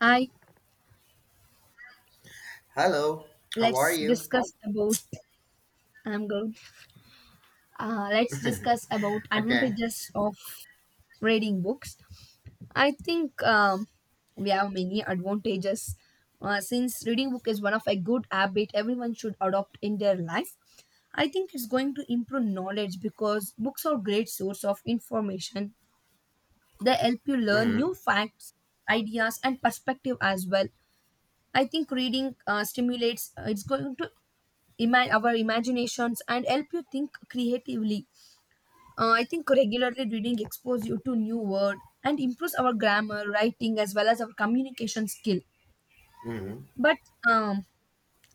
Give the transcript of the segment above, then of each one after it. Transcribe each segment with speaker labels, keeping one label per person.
Speaker 1: Hi,
Speaker 2: Hello, how are
Speaker 1: let's
Speaker 2: you?
Speaker 1: discuss about. I'm good. Let's discuss about
Speaker 2: Okay.
Speaker 1: advantages of reading books. I think we have many advantages since reading book is one of a good habit everyone should adopt in their life. I think it's going to improve knowledge because books are great source of information. They help you learn
Speaker 2: hmm
Speaker 1: new facts, ideas, and perspective as well. I think reading stimulates. It's going to our imaginations and help you think creatively. I think regularly reading expose you to new word and improves our grammar, writing as well as our communication skill.
Speaker 2: hmm
Speaker 1: But um,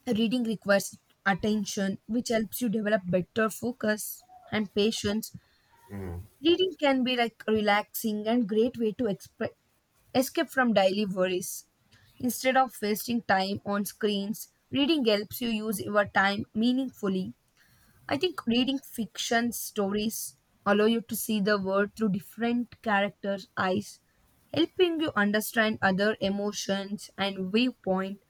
Speaker 1: reading requires attention, which helps you develop better focus and patience.
Speaker 2: hmm
Speaker 1: Reading can be like relaxing and great way to escape from daily worries. Instead of wasting time on screens, reading helps you use your time meaningfully. I think reading fiction stories allow you to see the world through different characters' eyes, helping you understand other emotions and viewpoint,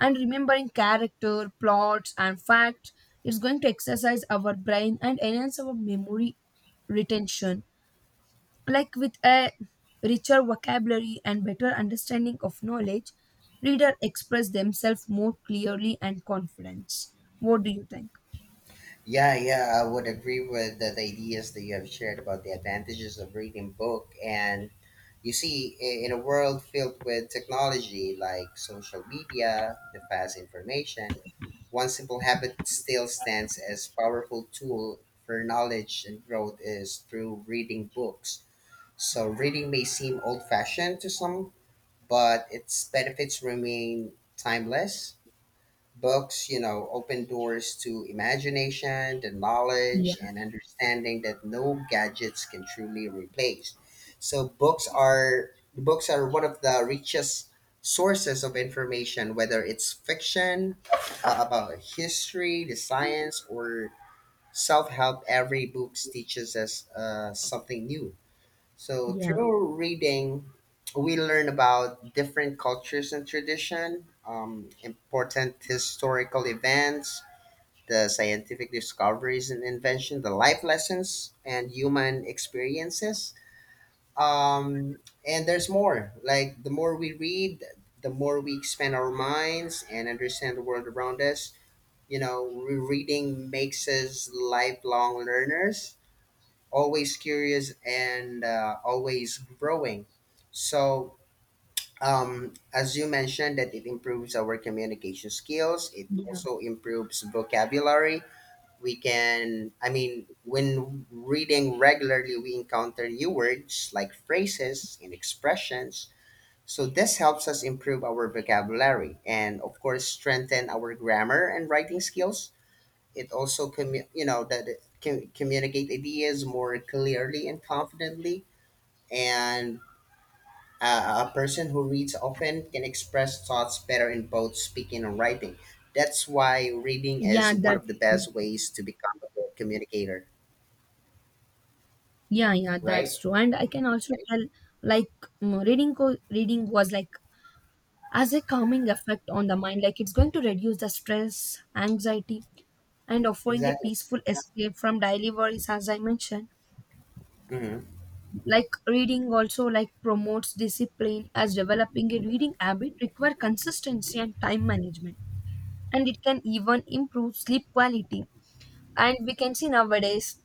Speaker 1: and remembering character, plots and facts. Is going to exercise our brain and enhance our memory retention. Like with a richer vocabulary and better understanding of knowledge, reader express themselves more clearly and confidence. What do you think?
Speaker 2: Yeah, yeah, I would agree with the ideas that you have shared about the advantages of reading book. And you see, in a world filled with technology like social media, the fast information, one simple habit still stands as powerful tool for knowledge and growth is through reading books. So reading may seem old-fashioned to some, but its benefits remain timeless. Books, you know, open doors to imagination, the
Speaker 1: Yeah.
Speaker 2: knowledge, and understanding that no gadgets can truly replace. So books are one of the richest sources of information, whether it's fiction about history, the science, or self help. Every book teaches us something new. So
Speaker 1: Yeah.
Speaker 2: through reading, we learn about different cultures and tradition, important historical events, the scientific discoveries and invention, the life lessons and human experiences. Um, and there's more. Like the more we read, the more we expand our minds and understand the world around us. You know, reading makes us lifelong learners, always curious and always growing. So, as you mentioned, that it improves our communication skills. It also improves vocabulary. I mean, when reading regularly, we encounter new words like phrases and expressions. So, this helps us improve our vocabulary and, of course, strengthen our grammar and writing skills. It also you know that it can communicate ideas more clearly and confidently, and a person who reads often can express thoughts better in both speaking and writing. That's why reading is
Speaker 1: Yeah,
Speaker 2: one
Speaker 1: that's
Speaker 2: of the
Speaker 1: true.
Speaker 2: best ways to become a good communicator.
Speaker 1: Yeah, yeah,
Speaker 2: Right.
Speaker 1: that's true. And I can also tell, like, mm, reading was like as a calming effect on the mind. Like, it's going to reduce the stress, anxiety, and offering a
Speaker 2: Exactly.
Speaker 1: peaceful escape from daily worries, as I mentioned.
Speaker 2: Mm-hmm.
Speaker 1: Like, reading also like promotes discipline, as developing a reading habit require consistency and time management, and it can even improve sleep quality. And we can see nowadays,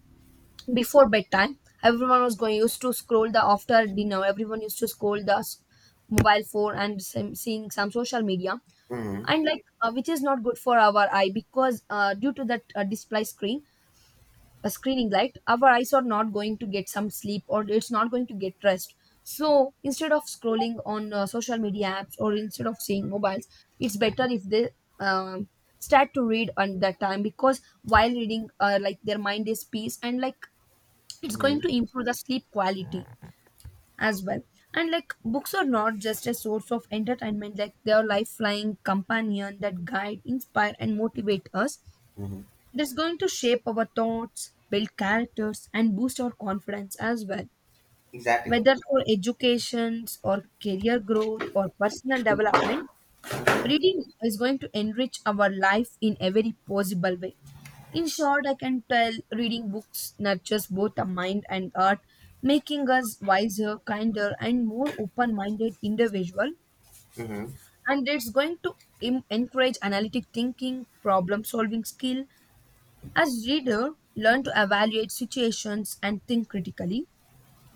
Speaker 1: before bedtime, everyone was going used to scroll the, after dinner everyone used to scroll the mobile phone and some, seeing some social media,
Speaker 2: Mm-hmm.
Speaker 1: and like which is not good for our eye, because due to that display screen, a screening light, our eyes are not going to get some sleep or it's not going to get rest. So instead of scrolling on social media apps, or instead of seeing mobiles, it's better if they um, start to read on that time, because while reading like their mind is peace and like it's
Speaker 2: Mm-hmm.
Speaker 1: going to improve the sleep quality as well. And like, books are not just a source of entertainment, like they are lifeline companion that guide, inspire and motivate us.
Speaker 2: Mm-hmm.
Speaker 1: It is going to shape our thoughts, build characters and boost our confidence as well,
Speaker 2: Exactly.
Speaker 1: whether for educations or career growth or personal development. Reading is going to enrich our life in every possible way. In short, I can tell reading books nurtures both the mind and art, making us wiser, kinder, and more open minded individual.
Speaker 2: Mm-hmm.
Speaker 1: And it's going to encourage analytic thinking, problem solving skill. As reader, learn to evaluate situations and think critically.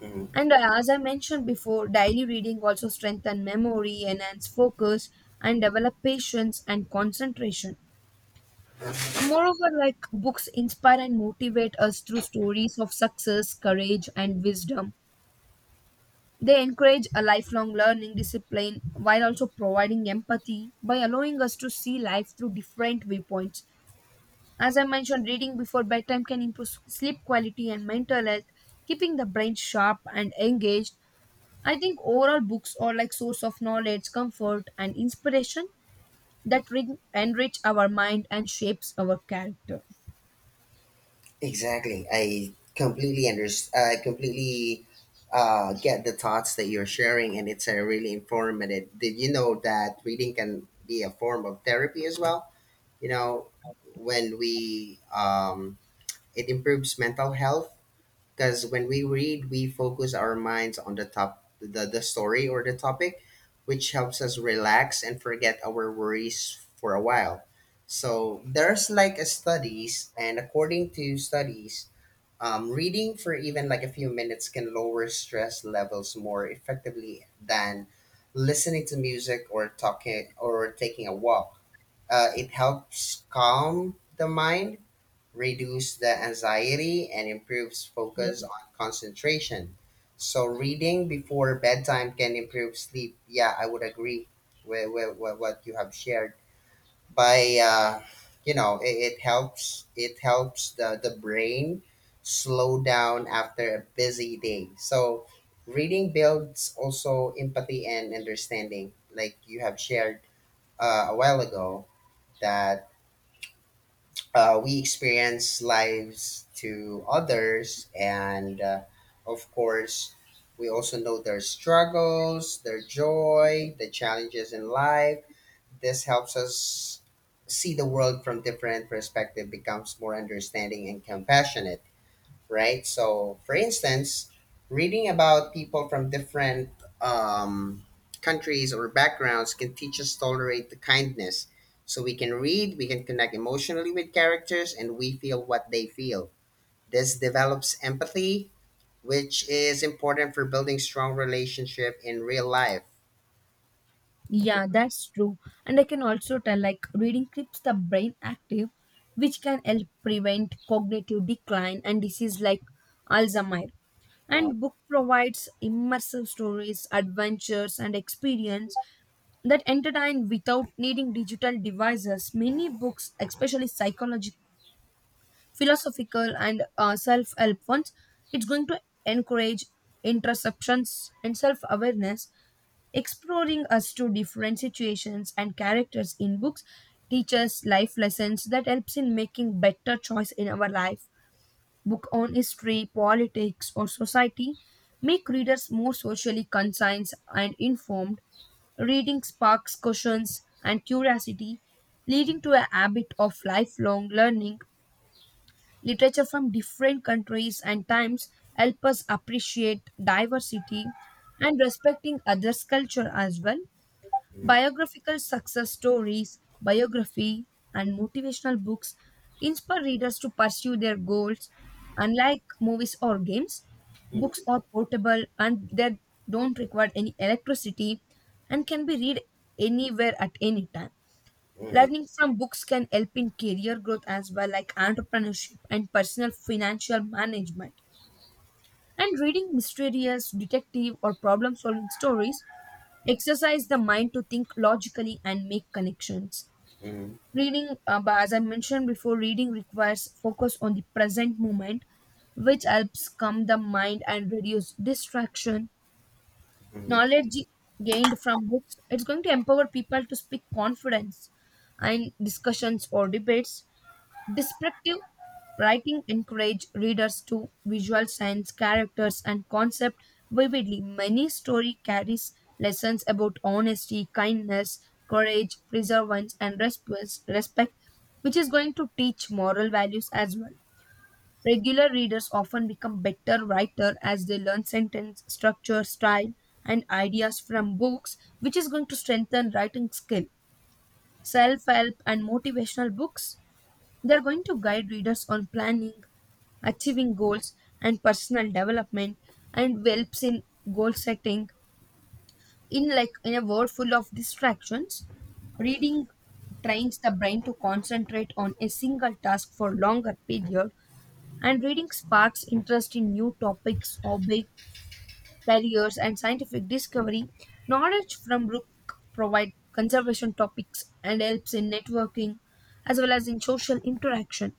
Speaker 2: Mm-hmm.
Speaker 1: And as I mentioned before, daily reading also strengthen memory, enhance focus, and develop patience and concentration. Moreover, like books inspire and motivate us through stories of success, courage, and wisdom. They encourage a lifelong learning discipline while also providing empathy by allowing us to see life through different viewpoints. As I mentioned, reading before bedtime can improve sleep quality and mental health, keeping the brain sharp and engaged. I think overall books are like source of knowledge, comfort, and inspiration that enrich our mind and shapes our character.
Speaker 2: Exactly. I completely understand. I completely get the thoughts that you're sharing, and it's a really informative. Did you know that reading can be a form of therapy as well? You know, when we it improves mental health because when we read, we focus our minds on the story or the topic, which helps us relax and forget our worries for a while. So there's like a studies, and according to studies, reading for even like a few minutes can lower stress levels more effectively than listening to music or talking or taking a walk. It helps calm the mind, reduce the anxiety, and improves
Speaker 1: Yeah.
Speaker 2: focus on concentration. So, reading before bedtime can improve sleep. Yeah, I would agree with, with what you have shared by you know it helps the brain slow down after a busy day. So reading builds also empathy and understanding like you have shared a while ago, that we experience lives to others, and of course we also know their struggles, their joy, the challenges in life. This helps us see the world from different perspective, becomes more understanding and compassionate, right? So, for instance, reading about people from different um, countries or backgrounds can teach us tolerate the kindness. So we can read, we can connect emotionally with characters, and we feel what they feel. This develops empathy, which is important for building strong relationship in real life.
Speaker 1: Yeah, that's true. And I can also tell like reading keeps the brain active, which can help prevent cognitive decline and disease like Alzheimer.
Speaker 2: Uh,
Speaker 1: And book provides immersive stories, adventures and experience that entertain without needing digital devices. Many books, especially psychological, philosophical and self-help ones, it's going to encourage introspections and self-awareness. Exploring us to different situations and characters in books teaches life lessons that helps in making better choice in our life. Book on history, politics, or society make readers more socially conscious and informed. Reading sparks questions and curiosity, leading to a habit of lifelong learning. Literature from different countries and times help us appreciate diversity and respecting others' culture as well.
Speaker 2: mm,
Speaker 1: Biographical success stories, biography, and motivational books inspire readers to pursue their goals. Unlike movies or games, books
Speaker 2: mm,
Speaker 1: are portable and they don't require any electricity and can be read anywhere at any time.
Speaker 2: mm,
Speaker 1: Learning from books can help in career growth as well, like entrepreneurship and personal financial management. And reading mysterious, detective, or problem solving stories exercise the mind to think logically and make connections.
Speaker 2: mm,
Speaker 1: Reading But as I mentioned before, reading requires focus on the present moment, which helps calm the mind and reduce distraction.
Speaker 2: mm.
Speaker 1: Knowledge gained from books, it's going to empower people to speak confidence in discussions or debates. Descriptive writing encourage readers to visualize characters and concept vividly. Many story carries lessons about honesty, kindness, courage, perseverance, and respect, which is going to teach moral values as well. Regular readers often become better writer as they learn sentence structure, style, and ideas from books, which is going to strengthen writing skill. Self-help and motivational books, they're going to guide readers on planning, achieving goals, and personal development, and helps in goal setting. In a world full of distractions, reading trains the brain to concentrate on a single task for longer period, and reading sparks interest in new topics, hobby, careers, and scientific discovery. Knowledge from book provide conservation topics and helps in networking as well as in social interaction.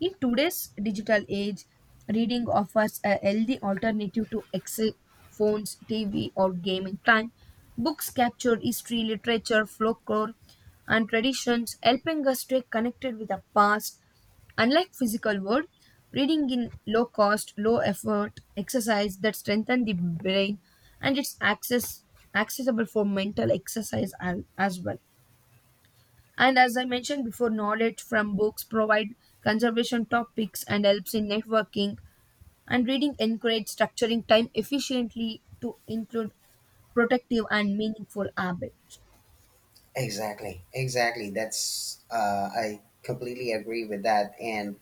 Speaker 1: In today's digital age, reading offers a healthy alternative to excess phones, TV, or gaming time. Books capture history, literature, folklore, and traditions, helping us stay connected with the past. Unlike physical world, reading in low cost, low effort exercise that strengthen the brain and it's access accessible for mental exercise as well. And as I mentioned before, knowledge from books provide conservation topics and helps in networking. And reading encourage structuring time efficiently to include protective and meaningful habits.
Speaker 2: Exactly, exactly. That's I completely agree with that, and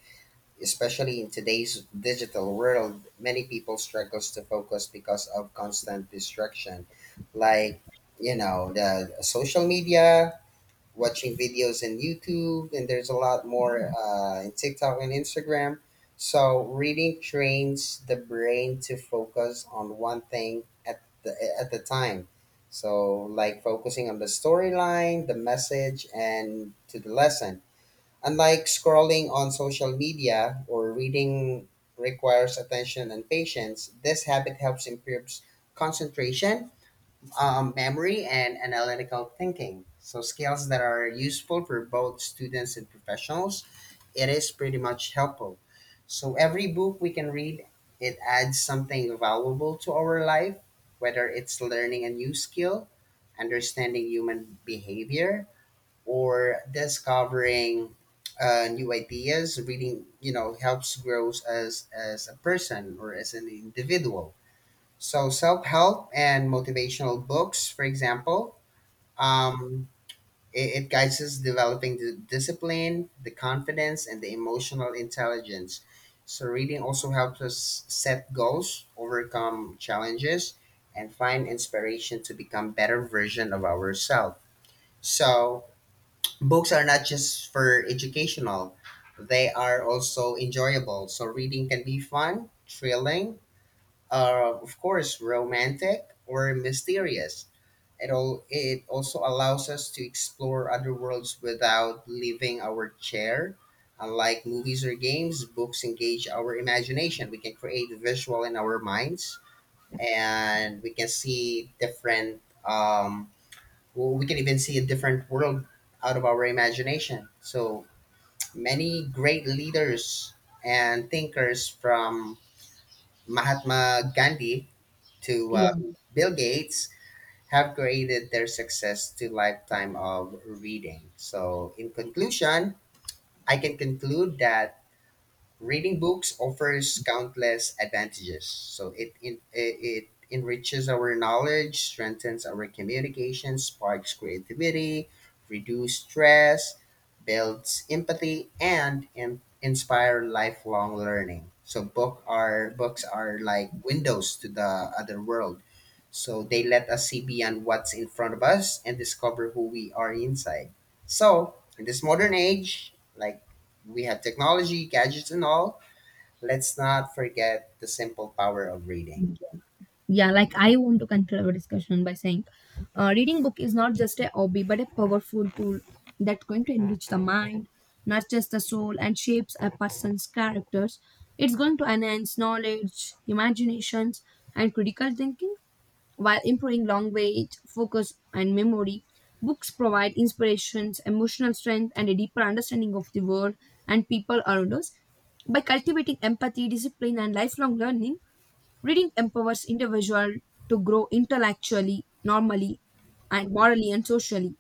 Speaker 2: especially in today's digital world, many people struggles to focus because of constant distraction, like you know the social media, watching videos in YouTube, and there's a lot more in TikTok and Instagram. So reading trains the brain to focus on one thing at the time. So like focusing on the storyline, the message, and to the lesson. Unlike scrolling on social media or reading requires attention and patience, this habit helps improves concentration, memory and analytical thinking. So skills that are useful for both students and professionals. It is pretty much helpful. So every book we can read, it adds something valuable to our life, whether it's learning a new skill, understanding human behavior, or discovering new ideas. Reading, you know, helps grow as a person or as an individual. So self-help and motivational books, for example, um, it guides us developing the discipline, the confidence, and the emotional intelligence. So reading also helps us set goals, overcome challenges, and find inspiration to become better version of ourselves. So books are not just for educational; they are also enjoyable. So reading can be fun, thrilling, are of course romantic or mysterious. It also allows us to explore other worlds without leaving our chair. Unlike movies or games, books engage our imagination. We can create visual in our minds, and we can see different. We can even see a different world out of our imagination. So many great leaders and thinkers from Mahatma Gandhi to
Speaker 1: Yeah,
Speaker 2: Bill Gates have created their success to lifetime of reading. So, in conclusion, I can conclude that Reading books offers countless advantages. So it enriches our knowledge, strengthens our communication, sparks creativity, reduces stress, builds empathy, and inspire lifelong learning. So books are like windows to the other world. So they let us see beyond what's in front of us and discover who we are inside. So in this modern age, like we have technology, gadgets, and all. Let's not forget the simple power of reading.
Speaker 1: yeah. Like I want to conclude our discussion by saying, reading book is not just a hobby but a powerful tool that's going to enrich the mind, nurtures the soul, and shapes a person's characters. It's going to enhance knowledge, imaginations, and critical thinking. While improving language, focus, and memory, books provide inspirations, emotional strength, and a deeper understanding of the world and people around us. By cultivating empathy, discipline, and lifelong learning, reading empowers individual to grow intellectually, normally, and morally and socially.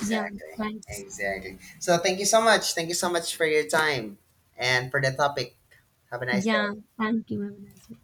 Speaker 1: Yeah, thanks.
Speaker 2: Exactly. So thank you so much. Thank you so much for your time and for the topic. Have a nice day.
Speaker 1: Yeah, thank you. Have a nice day.